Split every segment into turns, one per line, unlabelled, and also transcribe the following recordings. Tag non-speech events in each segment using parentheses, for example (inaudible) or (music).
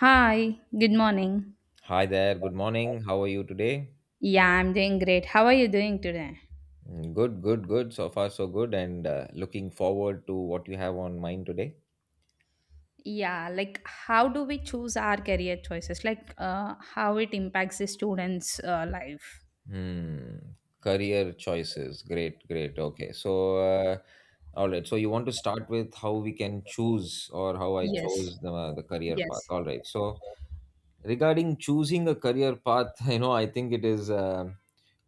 Hi, good morning.
Hi there, good morning. How are you today?
Yeah, I'm doing great. How are you doing today?
Mm, good, good, good. So far, so good. And looking forward to what you have on mind today.
Yeah, like how do we choose our career choices? Like how it impacts the students' life?
Hmm. Career choices. Great, great. Okay. All right. So, you want to start with how we can choose or how I
Yes,
chose the career
yes.
path. All right. So, regarding choosing a career path (laughs) I think it is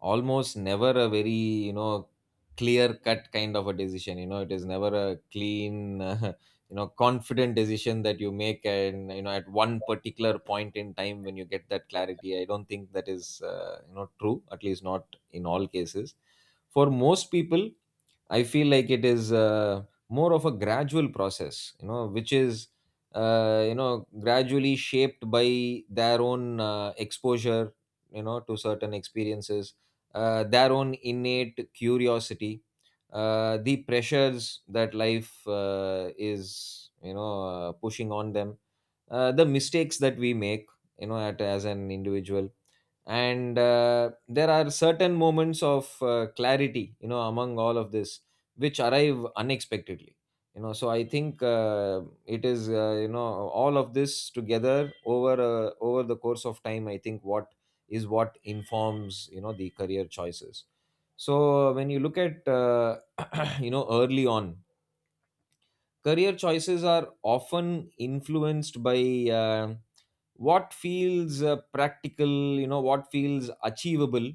almost never a very you know clear cut kind of a decision. It is never a clean (laughs) confident decision that you make. And at one particular point in time when you get that clarity, I don't think that is true, at least not in all cases. For most people I feel like it is more of a gradual process, which is gradually shaped by their own exposure, to certain experiences, their own innate curiosity, the pressures that life is pushing on them, the mistakes that we make, as an individual. And there are certain moments of clarity among all of this which arrive unexpectedly. So I think it is all of this together over over the course of time, I think what is what informs the career choices. So when you look at (clears throat) early on, career choices are often influenced by uh, what feels practical, what feels achievable,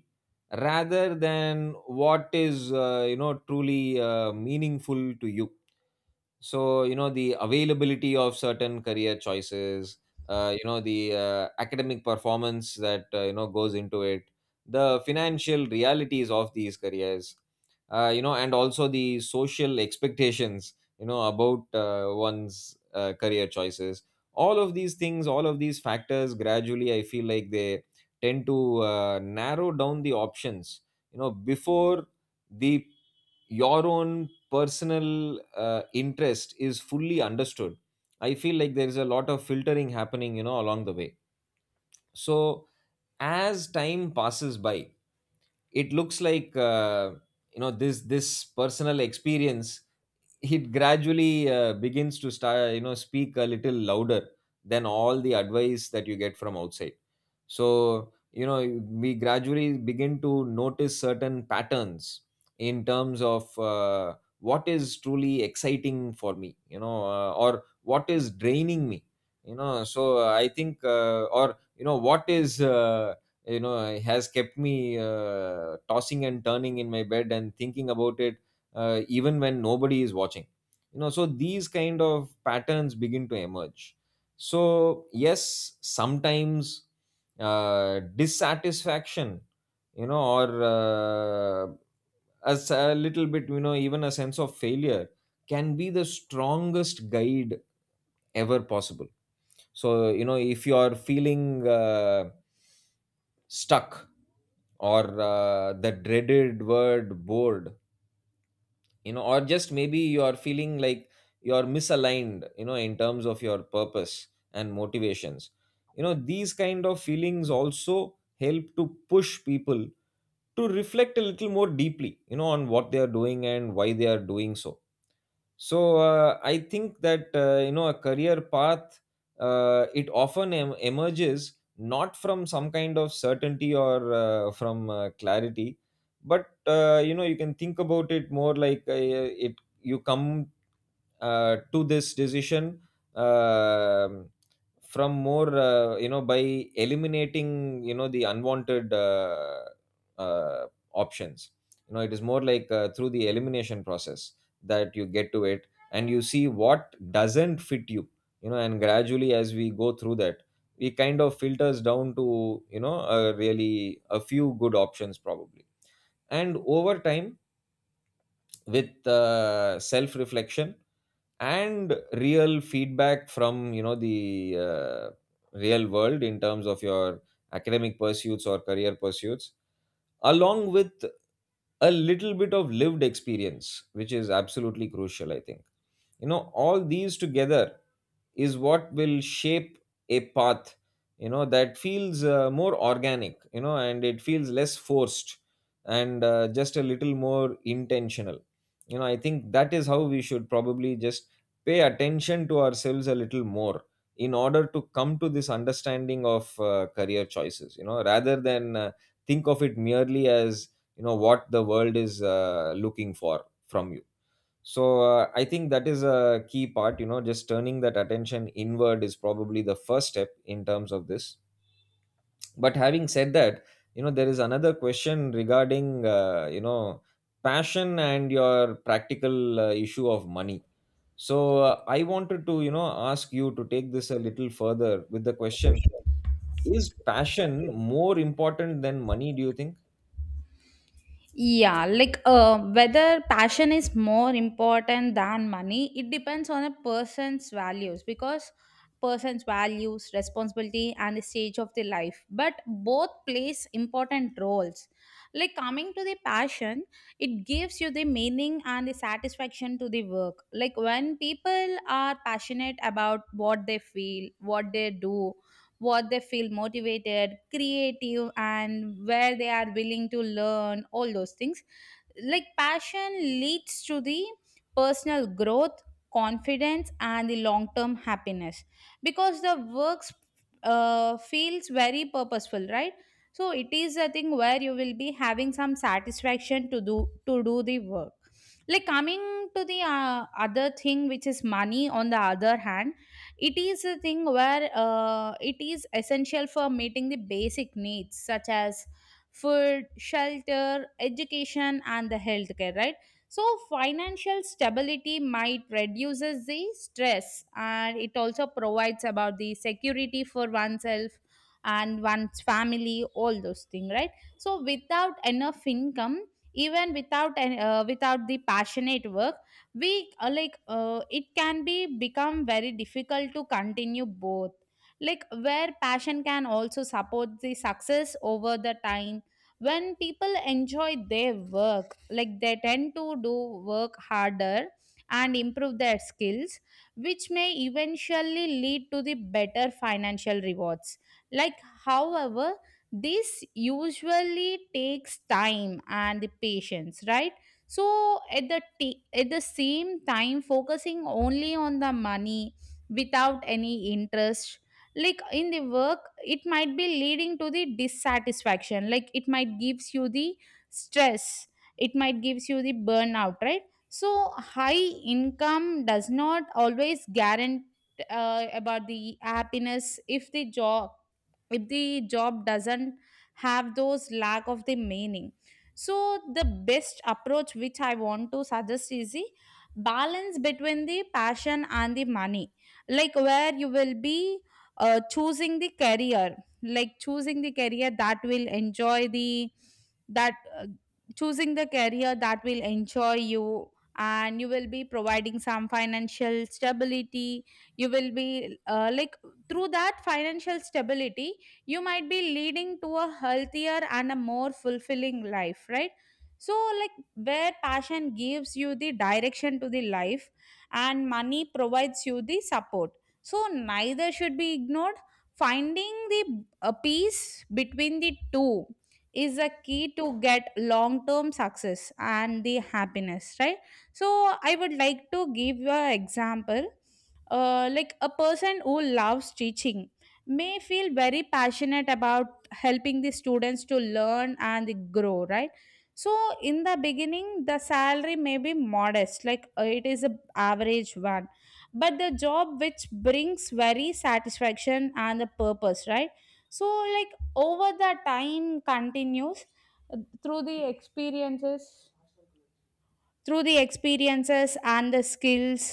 rather than what is truly meaningful to you. So the availability of certain career choices, the academic performance that goes into it, the financial realities of these careers, and also the social expectations about one's career choices, all of these things, all of these factors gradually, I feel like they tend to narrow down the options before the your own personal interest is fully understood. I feel like there is a lot of filtering happening along the way. So as time passes by, it looks like this personal experience, it gradually begins to start speak a little louder than all the advice that you get from outside. So we gradually begin to notice certain patterns in terms of what is truly exciting for me, or what is draining me. So I think or what is has kept me tossing and turning in my bed and thinking about it even when nobody is watching. So these kind of patterns begin to emerge. So yes, sometimes dissatisfaction, or uh, as a little bit, even a sense of failure, can be the strongest guide ever possible. So if you are feeling stuck, or the dreaded word bored, or just maybe you are feeling like you're misaligned, in terms of your purpose and motivations, these kind of feelings also help to push people to reflect a little more deeply on what they are doing and why they are doing so. So I think that a career path, it often emerges not from some kind of certainty or from clarity, but you can think about it more like it you come to this decision um from more by eliminating the unwanted uh, options. It is more like through the elimination process that you get to it, and you see what doesn't fit you. You know And gradually as we go through that, we kind of filters down to a really a few good options probably. And over time, with self reflection and real feedback from the real world in terms of your academic pursuits or career pursuits, along with a little bit of lived experience, which is absolutely crucial, I think, all these together is what will shape a path that feels more organic, and it feels less forced, and just a little more intentional. I think that is how we should probably just pay attention to ourselves a little more in order to come to this understanding of career choices, rather than think of it merely as what the world is looking for from you. So I think that is a key part. Just turning that attention inward is probably the first step in terms of this. But having said that, there is another question regarding passion and your practical issue of money. So I wanted to ask you to take this a little further with the question: is passion more important than money, do you think?
Yeah, like whether passion is more important than money, it depends on a person's values because person's values, responsibility, and the stage of the life. But both plays important roles. Like coming to the passion, it gives you the meaning and the satisfaction to the work. Like when people are passionate about what they feel, what they do, what they feel motivated, creative, and where they are willing to learn, all those things like passion leads to the personal growth, confidence, and the long term happiness because the works feels very purposeful, right? So it is a thing where you will be having some satisfaction to do the work. Like coming to the other thing, which is money, on the other hand, it is a thing where it is essential for meeting the basic needs such as food, shelter, education, and the healthcare, right? So financial stability might reduces the stress, and it also provides about the security for oneself and one's family, all those things, right? So without enough income, even without the passionate work, we like it can be become very difficult to continue both. Like where passion can also support the success over the time, when people enjoy their work, like they tend to do work harder and improve their skills, which may eventually lead to the better financial rewards. Like however, this usually takes time and the patience, right? So at at the same time, focusing only on the money without any interest like in the work, it might be leading to the dissatisfaction. Like it might gives you the stress, it might gives you the burnout, right? So high income does not always guarantee about the happiness if the job, if the job doesn't have those lack of the meaning. So the best approach which I want to suggest is the balance between the passion and the money. Like where you will be choosing the career, like choosing the career that will enjoy the that choosing the career that will enjoy you, and you will be providing some financial stability. You will be like through that financial stability, you might be leading to a healthier and a more fulfilling life, right? So like where passion gives you the direction to the life and money provides you the support. So, neither should be ignored. Finding the peace between the two is a key to get long term success and the happiness, right? So, I would like to give you an example. Like a person who loves teaching may feel very passionate about helping the students to learn and grow, right? So in the beginning, the salary may be modest, like it is a average one, but the job which brings very satisfaction and the purpose, right? So like over the time continues, uh, through the experiences, through the experiences and the skills,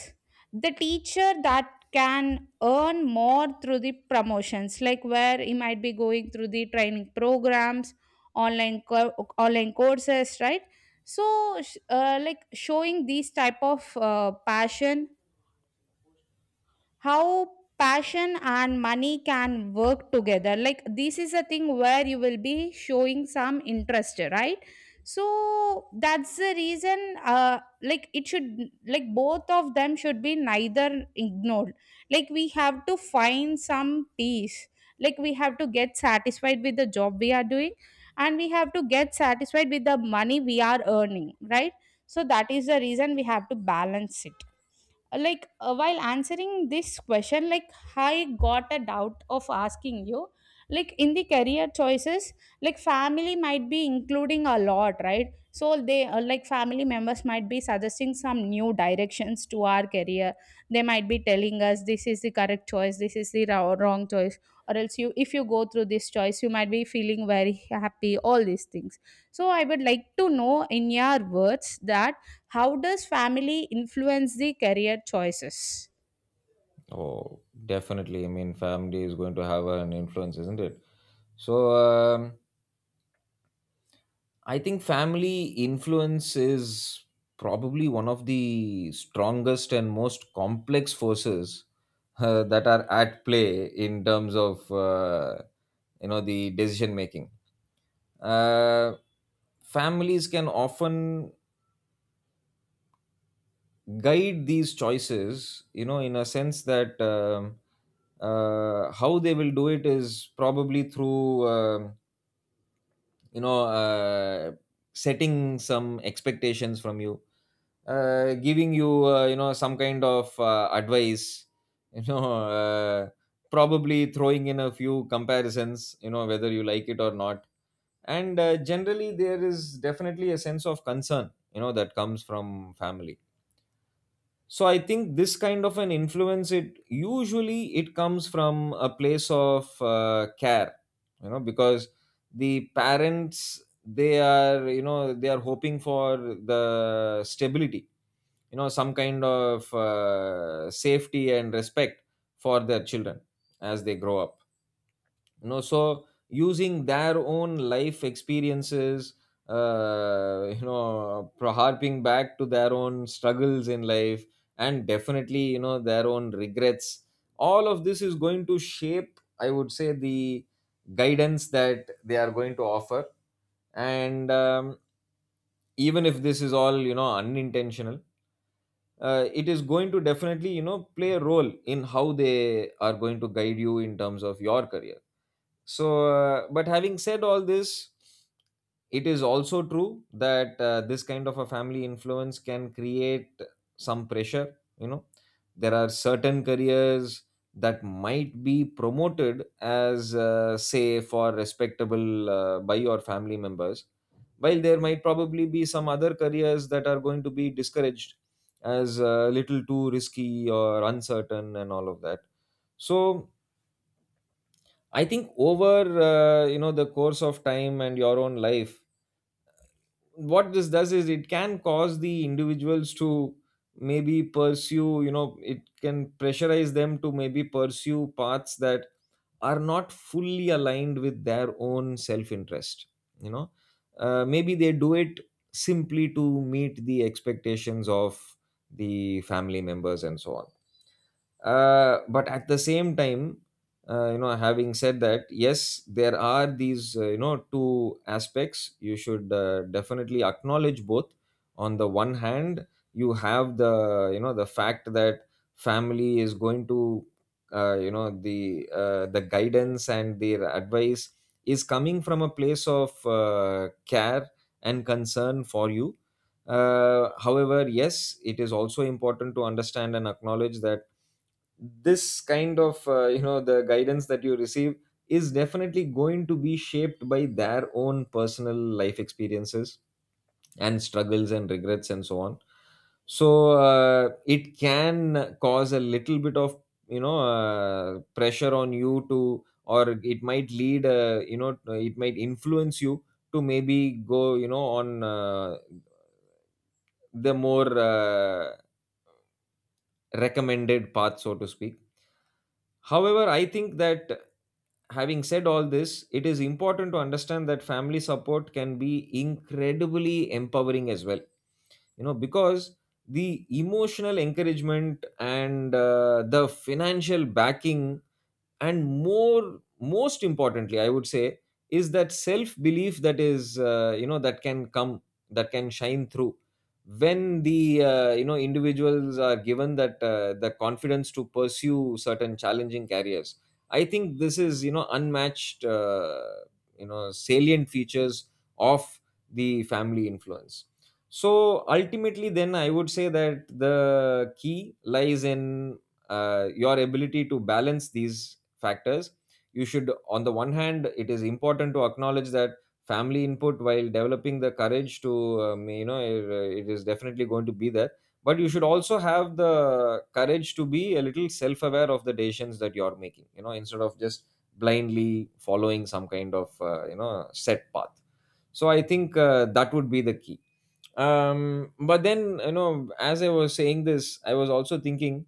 the teacher that can earn more through the promotions, like where he might be going through the training programs, online co- online courses, right? So like showing these type of passion, how passion and money can work together, like this is a thing where you will be showing some interest, right? So that's the reason like it should, like both of them should be neither ignored. Like we have to find some peace, like we have to get satisfied with the job we are doing, and we have to get satisfied with the money we are earning, right? So that is the reason we have to balance it. Like while answering this question, like I got a doubt of asking you, like in the career choices, like family might be including a lot, right? So they like family members might be suggesting some new directions to our career. They might be telling us this is the correct choice, this is the ra- wrong choice, or else you if you go through this choice you might be feeling very happy, all these things. So I would like to know in your words that how does family influence the career choices?
Oh, definitely. I mean, family is going to have an influence, isn't it? So I think family influence is probably one of the strongest and most complex forces that are at play in terms of the decision making. Uh, Families can often guide these choices, in a sense that how they will do it is probably through. You know uh, Setting some expectations from you, giving you you know some kind of advice, (laughs) you know uh, probably throwing in a few comparisons, whether you like it or not. And generally there is definitely a sense of concern, that comes from family. So I think this kind of an influence, it usually it comes from a place of care, because the parents, they are they are hoping for the stability, some kind of safety and respect for their children as they grow up. So using their own life experiences, harping back to their own struggles in life, and definitely their own regrets, all of this is going to shape, I would say, the guidance that they are going to offer. And even if this is all unintentional, it is going to definitely play a role in how they are going to guide you in terms of your career. So, but having said all this, it is also true that this kind of a family influence can create some pressure. You know, there are certain careers that might be promoted as, say, for respectable by your family members, while there might probably be some other careers that are going to be discouraged as a little too risky or uncertain and all of that. So, I think over the course of time and your own life, what this does is it can cause the individuals to maybe pursue, it can pressurize them to maybe pursue paths that are not fully aligned with their own self interest. You know, maybe they do it simply to meet the expectations of the family members and so on. But at the same time, having said that, yes, there are these two aspects, you should definitely acknowledge both. On the one hand, you have the the fact that family is going to the guidance and their advice is coming from a place of care and concern for you. However, yes, it is also important to understand and acknowledge that this kind of the guidance that you receive is definitely going to be shaped by their own personal life experiences and struggles and regrets and so on. So it can cause a little bit of pressure on you to, or it might lead, it might influence you to maybe go, on the more recommended path, so to speak. However, I think that, having said all this, it is important to understand that family support can be incredibly empowering as well. You know, because the emotional encouragement and the financial backing and more most importantly I would say is that self belief, that is that can come, that can shine through when the individuals are given that the confidence to pursue certain challenging careers. I think this is unmatched, salient features of the family influence. So ultimately then I would say that the key lies in your ability to balance these factors. You should, on the one hand, it is important to acknowledge that family input, while developing the courage to it is definitely going to be there, but you should also have the courage to be a little self aware of the decisions that you're making, you know, instead of just blindly following some kind of set path. So I think that would be the key. um but then, you know, as I was saying this I was also thinking,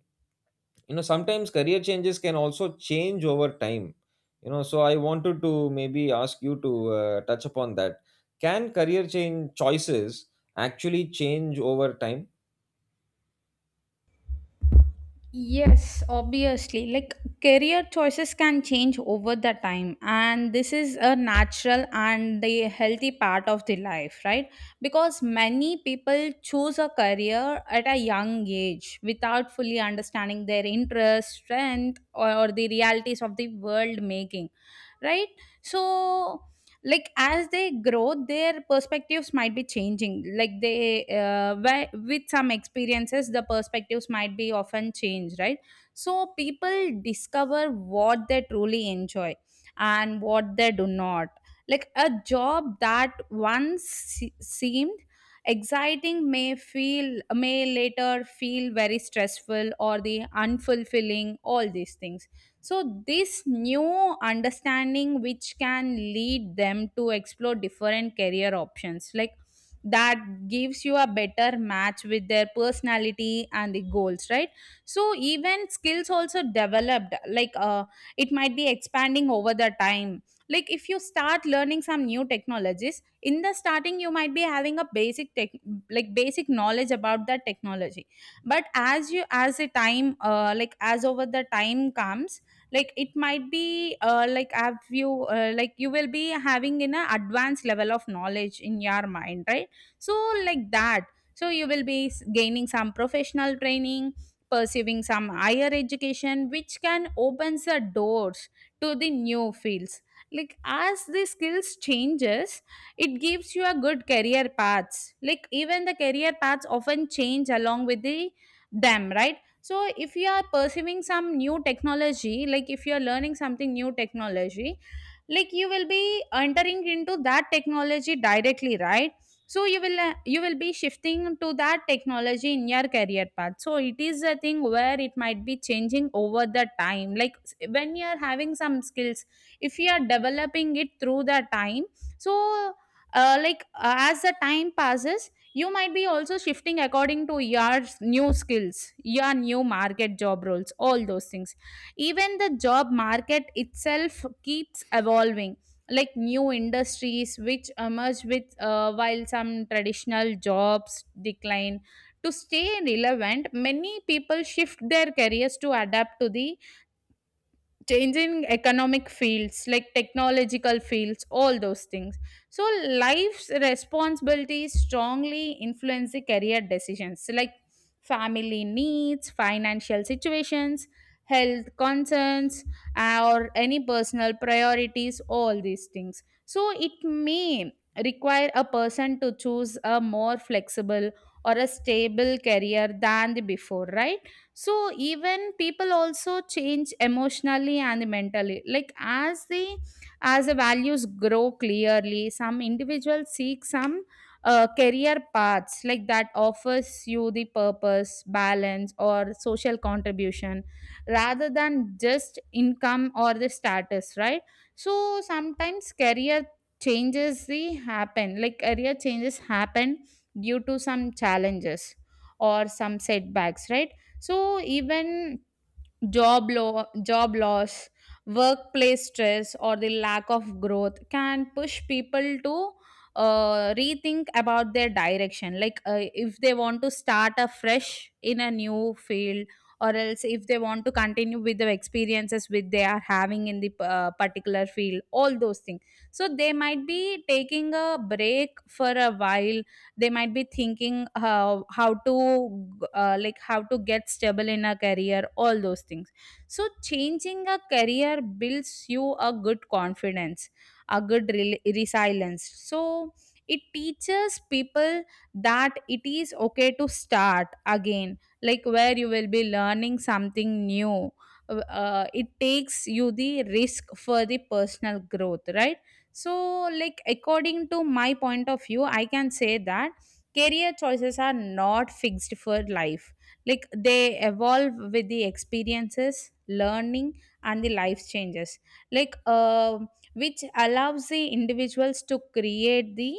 you know, sometimes career changes can also change over time. You know, so I wanted to maybe ask you to touch upon that. Can career change choices actually change over time?
Yes, obviously. Like career choices can change over the time, and this is a natural and the healthy part of the life, right? Because many people choose a career at a young age without fully understanding their interests, strength, or the realities of the world making, right? So like as they grow their perspectives might be changing, like they with some experiences the perspectives might be often changed, right? So people discover what they truly enjoy and what they do not. Like a job that seemed exciting may later feel very stressful or the unfulfilling, all these things. So this new understanding which can lead them to explore different career options, like that gives you a better match with their personality and the goals, right? So even skills also developed, like it might be expanding over the time. Like if you start learning some new technologies, in the starting you might be having a basic tech, like basic knowledge about that technology, but as the time like as over the time comes, like it might be like have you like you will be having in a advanced level of knowledge in your mind, right? So like that. So you will be gaining some professional training, pursuing some higher education which can opens the doors to the new fields. Like as the skills changes, it gives you a good career paths. Like even the career paths often change along with the them, right? So if you are pursuing some new technology, like if you are learning something new technology, like you will be entering into that technology directly, right? So you will be shifting to that technology in your career path. So it is a thing where it might be changing over the time, like when you are having some skills, if you are developing it through the time. So like as the time passes, you might be also shifting according to your new skills, your new market job roles, all those things. Even the job market itself keeps evolving, like new industries which emerge with while some traditional jobs decline. To stay relevant, many people shift their careers to adapt to the changing economic fields, like technological fields, all those things. So life's responsibilities strongly influence the career decisions, like family needs, financial situations, health concerns, or any personal priorities, all these things. So it may require a person to choose a more flexible or a stable career than the before, right? So even people also change emotionally and mentally, like as the values grow clearly, some individuals seek some career paths like that offers you the purpose, balance, or social contribution rather than just income or the status, right? So sometimes career changes the happen, like career changes happen due to some challenges or some setbacks, right? So even job loss, workplace stress, or the lack of growth can push people to rethink about their direction. Like if they want to start afresh in a new field, or else if they want to continue with the experiences which they are having in the particular field, all those things. So they might be taking a break for a while, they might be thinking how to like how to get stable in a career, all those things. So changing a career builds you a good confidence, a resilience. So it teaches people that it is okay to start again, like where you will be learning something new. It takes you the risk for the personal growth, right? So, like, according to my point of view, I can say that career choices are not fixed for life. Like, they evolve with the experiences, learning, and the life changes. Like, which allows the individuals to create the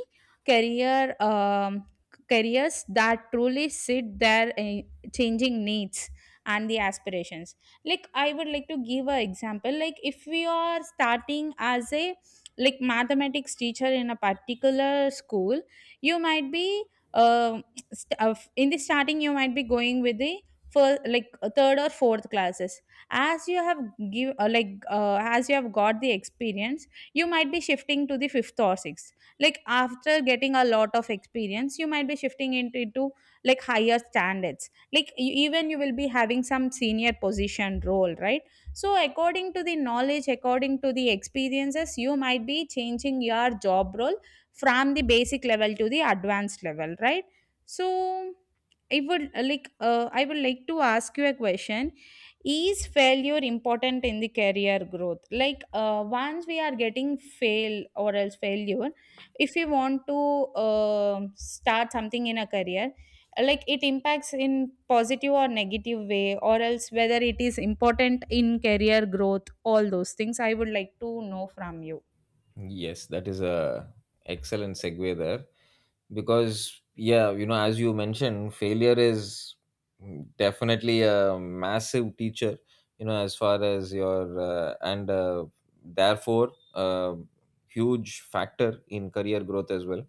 career careers that truly fit their changing needs and the aspirations. I would like to give an example. Like, if we are starting as a like mathematics teacher in a particular school, you might be uh, in the starting, you might be going with the first, like, third or fourth classes. As you have give as you have got the experience, you might be shifting to the fifth or sixth. Like, after getting a lot of experience, you might be shifting into like higher standards. Like, you, even you will be having some senior position role, right? So according to the knowledge, according to the experiences, you might be changing your job role from the basic level to the advanced level, right? So I would I would like to ask you a question. Is failure important in the career growth? Like, once we are getting fail or else failure, if we want to start something in a career, like, it impacts in positive or negative way, or else whether it is important in career growth. All those things I would like to know from you.
Yes, that is a excellent segue there, because yeah, you know, as you mentioned, failure is definitely a massive teacher, you know, as far as your and therefore a huge factor in career growth as well.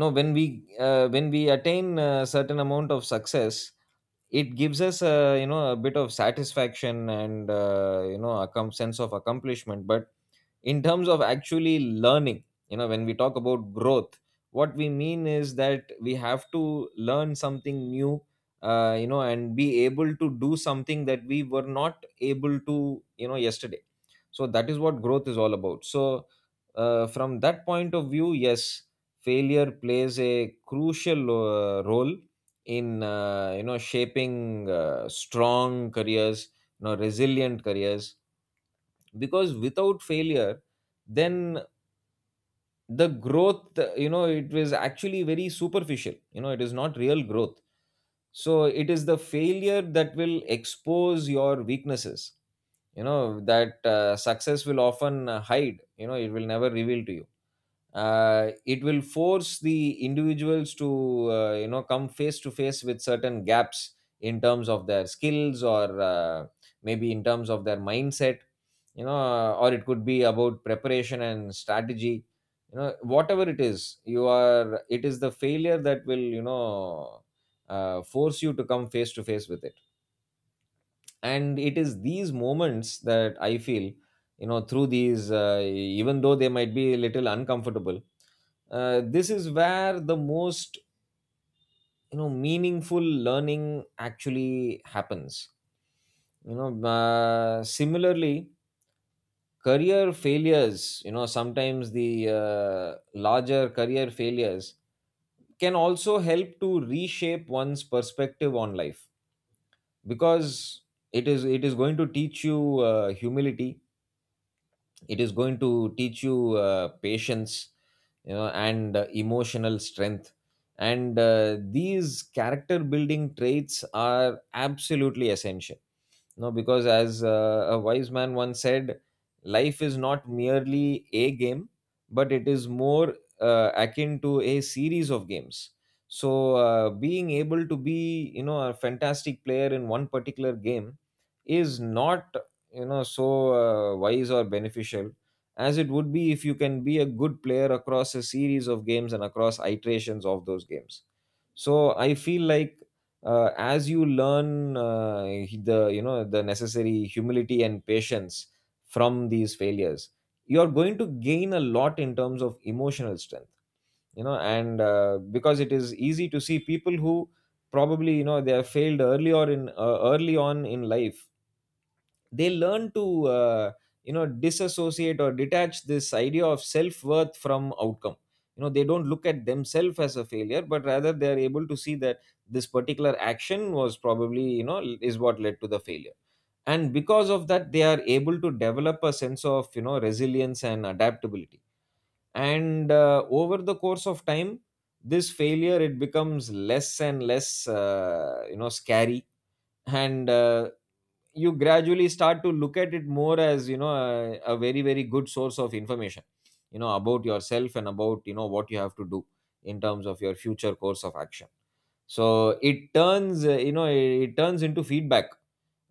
No, when we when we attain a certain amount of success, it gives us a, you know, a bit of satisfaction and, you know, a sense of accomplishment. But in terms of actually learning, you know, when we talk about growth, what we mean is that we have to learn something new, you know, and be able to do something that we were not able to, you know, yesterday. So that is what growth is all about. So from that point of view, yes, failure plays a crucial role in you know, shaping strong careers, you know, resilient careers. Because without failure, then the growth, you know, it was actually very superficial, you know, it is not real growth. So it is the failure that will expose your weaknesses, you know, that success will often hide, you know, it will never reveal to you. It will force the individuals to, you know, come face to face with certain gaps in terms of their skills, or maybe in terms of their mindset, you know, or it could be about preparation and strategy. You know, whatever it is, you are, it is the failure that will, you know, force you to come face to face with it. And it is these moments that I feel, you know, through these, even though they might be a little uncomfortable, this is where the most, you know, meaningful learning actually happens, you know. Similarly, career failures, you know, sometimes the larger career failures can also help to reshape one's perspective on life. Because it is going to teach you humility, it is going to teach you patience, you know, and emotional strength. And these character building traits are absolutely essential. You know, because as, a wise man once said, life is not merely a game, but it is more akin to a series of games. So being able to be, you know, a fantastic player in one particular game is not, you know, so wise or beneficial as it would be if you can be a good player across a series of games and across iterations of those games. So I feel like, as you learn the, you know, the necessary humility and patience from these failures, you are going to gain a lot in terms of emotional strength. You know, and because it is easy to see people who, probably you know, they have failed early, or in early on in life, they learn to, you know, disassociate or detach this idea of self-worth from outcome. You know, they don't look at themselves as a failure, but rather they are able to see that this particular action was probably, you know, is what led to the failure. And because of that, they are able to develop a sense of, you know, resilience and adaptability. And over the course of time, this failure, it becomes less and less, you know, scary. And you gradually start to look at it more as, you know, a, very very good source of information, you know, about yourself and about, you know, what you have to do in terms of your future course of action. So it turns, you know, it turns into feedback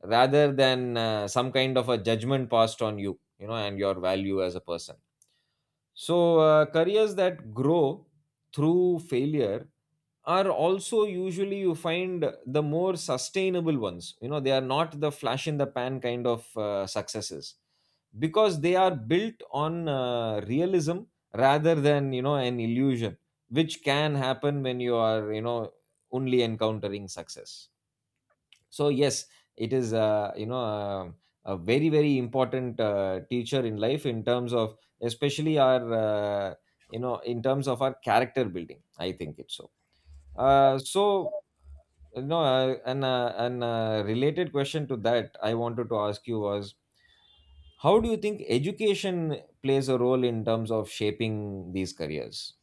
rather than, some kind of a judgment passed on you, you know, and your value as a person. So careers that grow through failure are also usually, you find, the more sustainable ones. You know, they are not the flash in the pan kind of successes, because they are built on realism rather than, you know, an illusion, which can happen when you are, you know, only encountering success. So yes, it is, a very very important teacher in life, in terms of, especially our in terms of our character building. I think it's so uh, so, no, an related question to that I wanted to ask you was, how do you think education plays a role in terms of shaping these careers?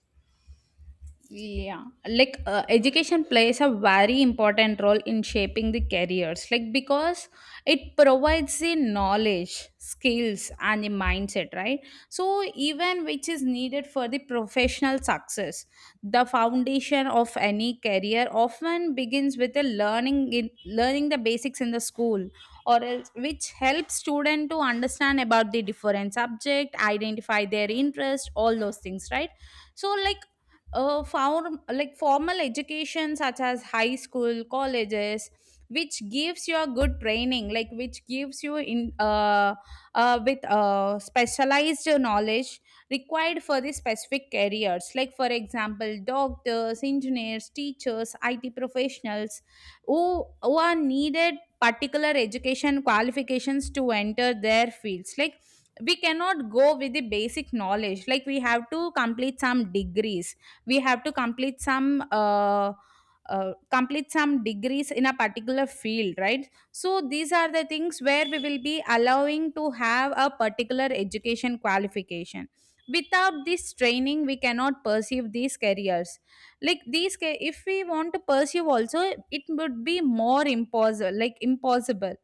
Yeah, like, education plays a very important role in shaping the careers, like, because it provides the knowledge, skills, and the mindset, right? So even which is needed for the professional success. The foundation of any career often begins with a learning, in learning the basics in the school, or else which helps student to understand about the different subject, identify their interest, all those things, right? So, like, a form, like, formal education such as high school, colleges, which gives you a good training, like which gives you in with specialized knowledge required for the specific careers, like for example doctors, engineers, teachers, IT professionals, who are needed particular education qualifications to enter their fields. Like, we cannot go with the basic knowledge. Like, we have to complete some degrees. We have to complete some degrees in a particular field, right? So these are the things where we will be allowing to have a particular education qualification. Without this training, we cannot pursue these careers. Like, if we want to pursue also, it would be more impossible, like impossible.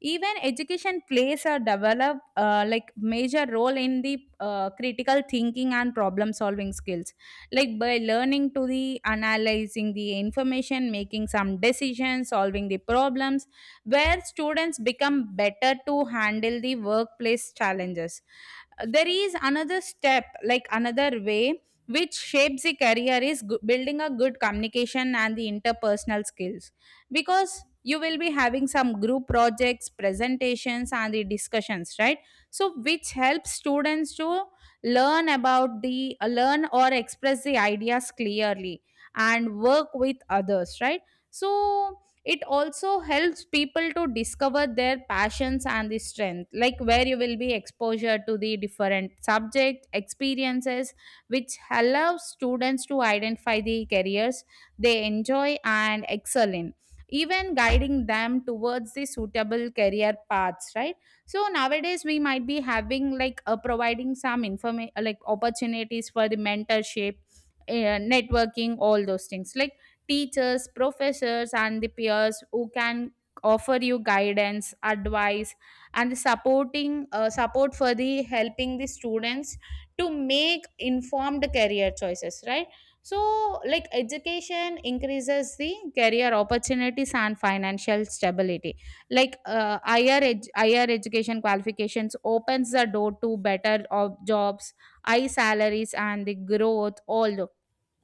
Even education plays a develop like major role in the critical thinking and problem solving skills. Like, by learning to the analyzing the information, making some decisions, solving the problems, where students become better to handle the workplace challenges. There is another step, like another way, which shapes the career, is building a good communication and the interpersonal skills, because you will be having some group projects, presentations, and the discussions, right? So which helps students to learn about the learn or express the ideas clearly and work with others, right? So it also helps people to discover their passions and the strength. Like, where you will be exposure to the different subject experiences, which allows students to identify the careers they enjoy and excel in, even guiding them towards the suitable career paths, right? So nowadays we might be having, like, providing some information, like opportunities for the mentorship, networking, all those things. Like, teachers, professors, and the peers who can offer you guidance, advice, and support for the helping the students to make informed career choices, right? So, like, education increases the career opportunities and financial stability. Like, higher education qualifications opens the door to better of jobs, high salaries, and the growth,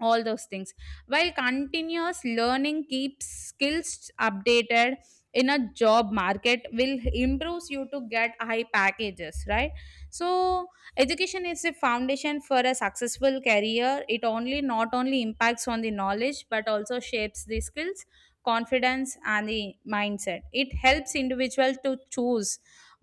all those things, while continuous learning keeps skills updated in a job market, will improves you to get high packages, right? So education is a foundation for a successful career. It only not only impacts on the knowledge but also shapes the skills, confidence, and the mindset. It helps individual to choose,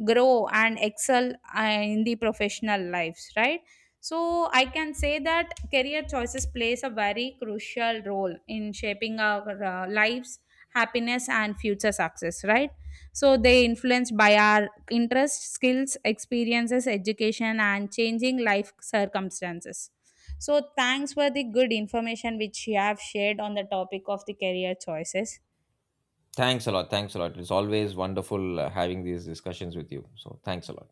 grow, and excel, uh, in the professional lives, right? So I can say that career choices plays a very crucial role in shaping our lives, happiness, and future success, right? So they influenced by our interests, skills, experiences, education, and changing life circumstances. So thanks for the good information which you have shared on the topic of the career choices.
Thanks a lot. Thanks a lot. It's always wonderful having these discussions with you. So, thanks a lot.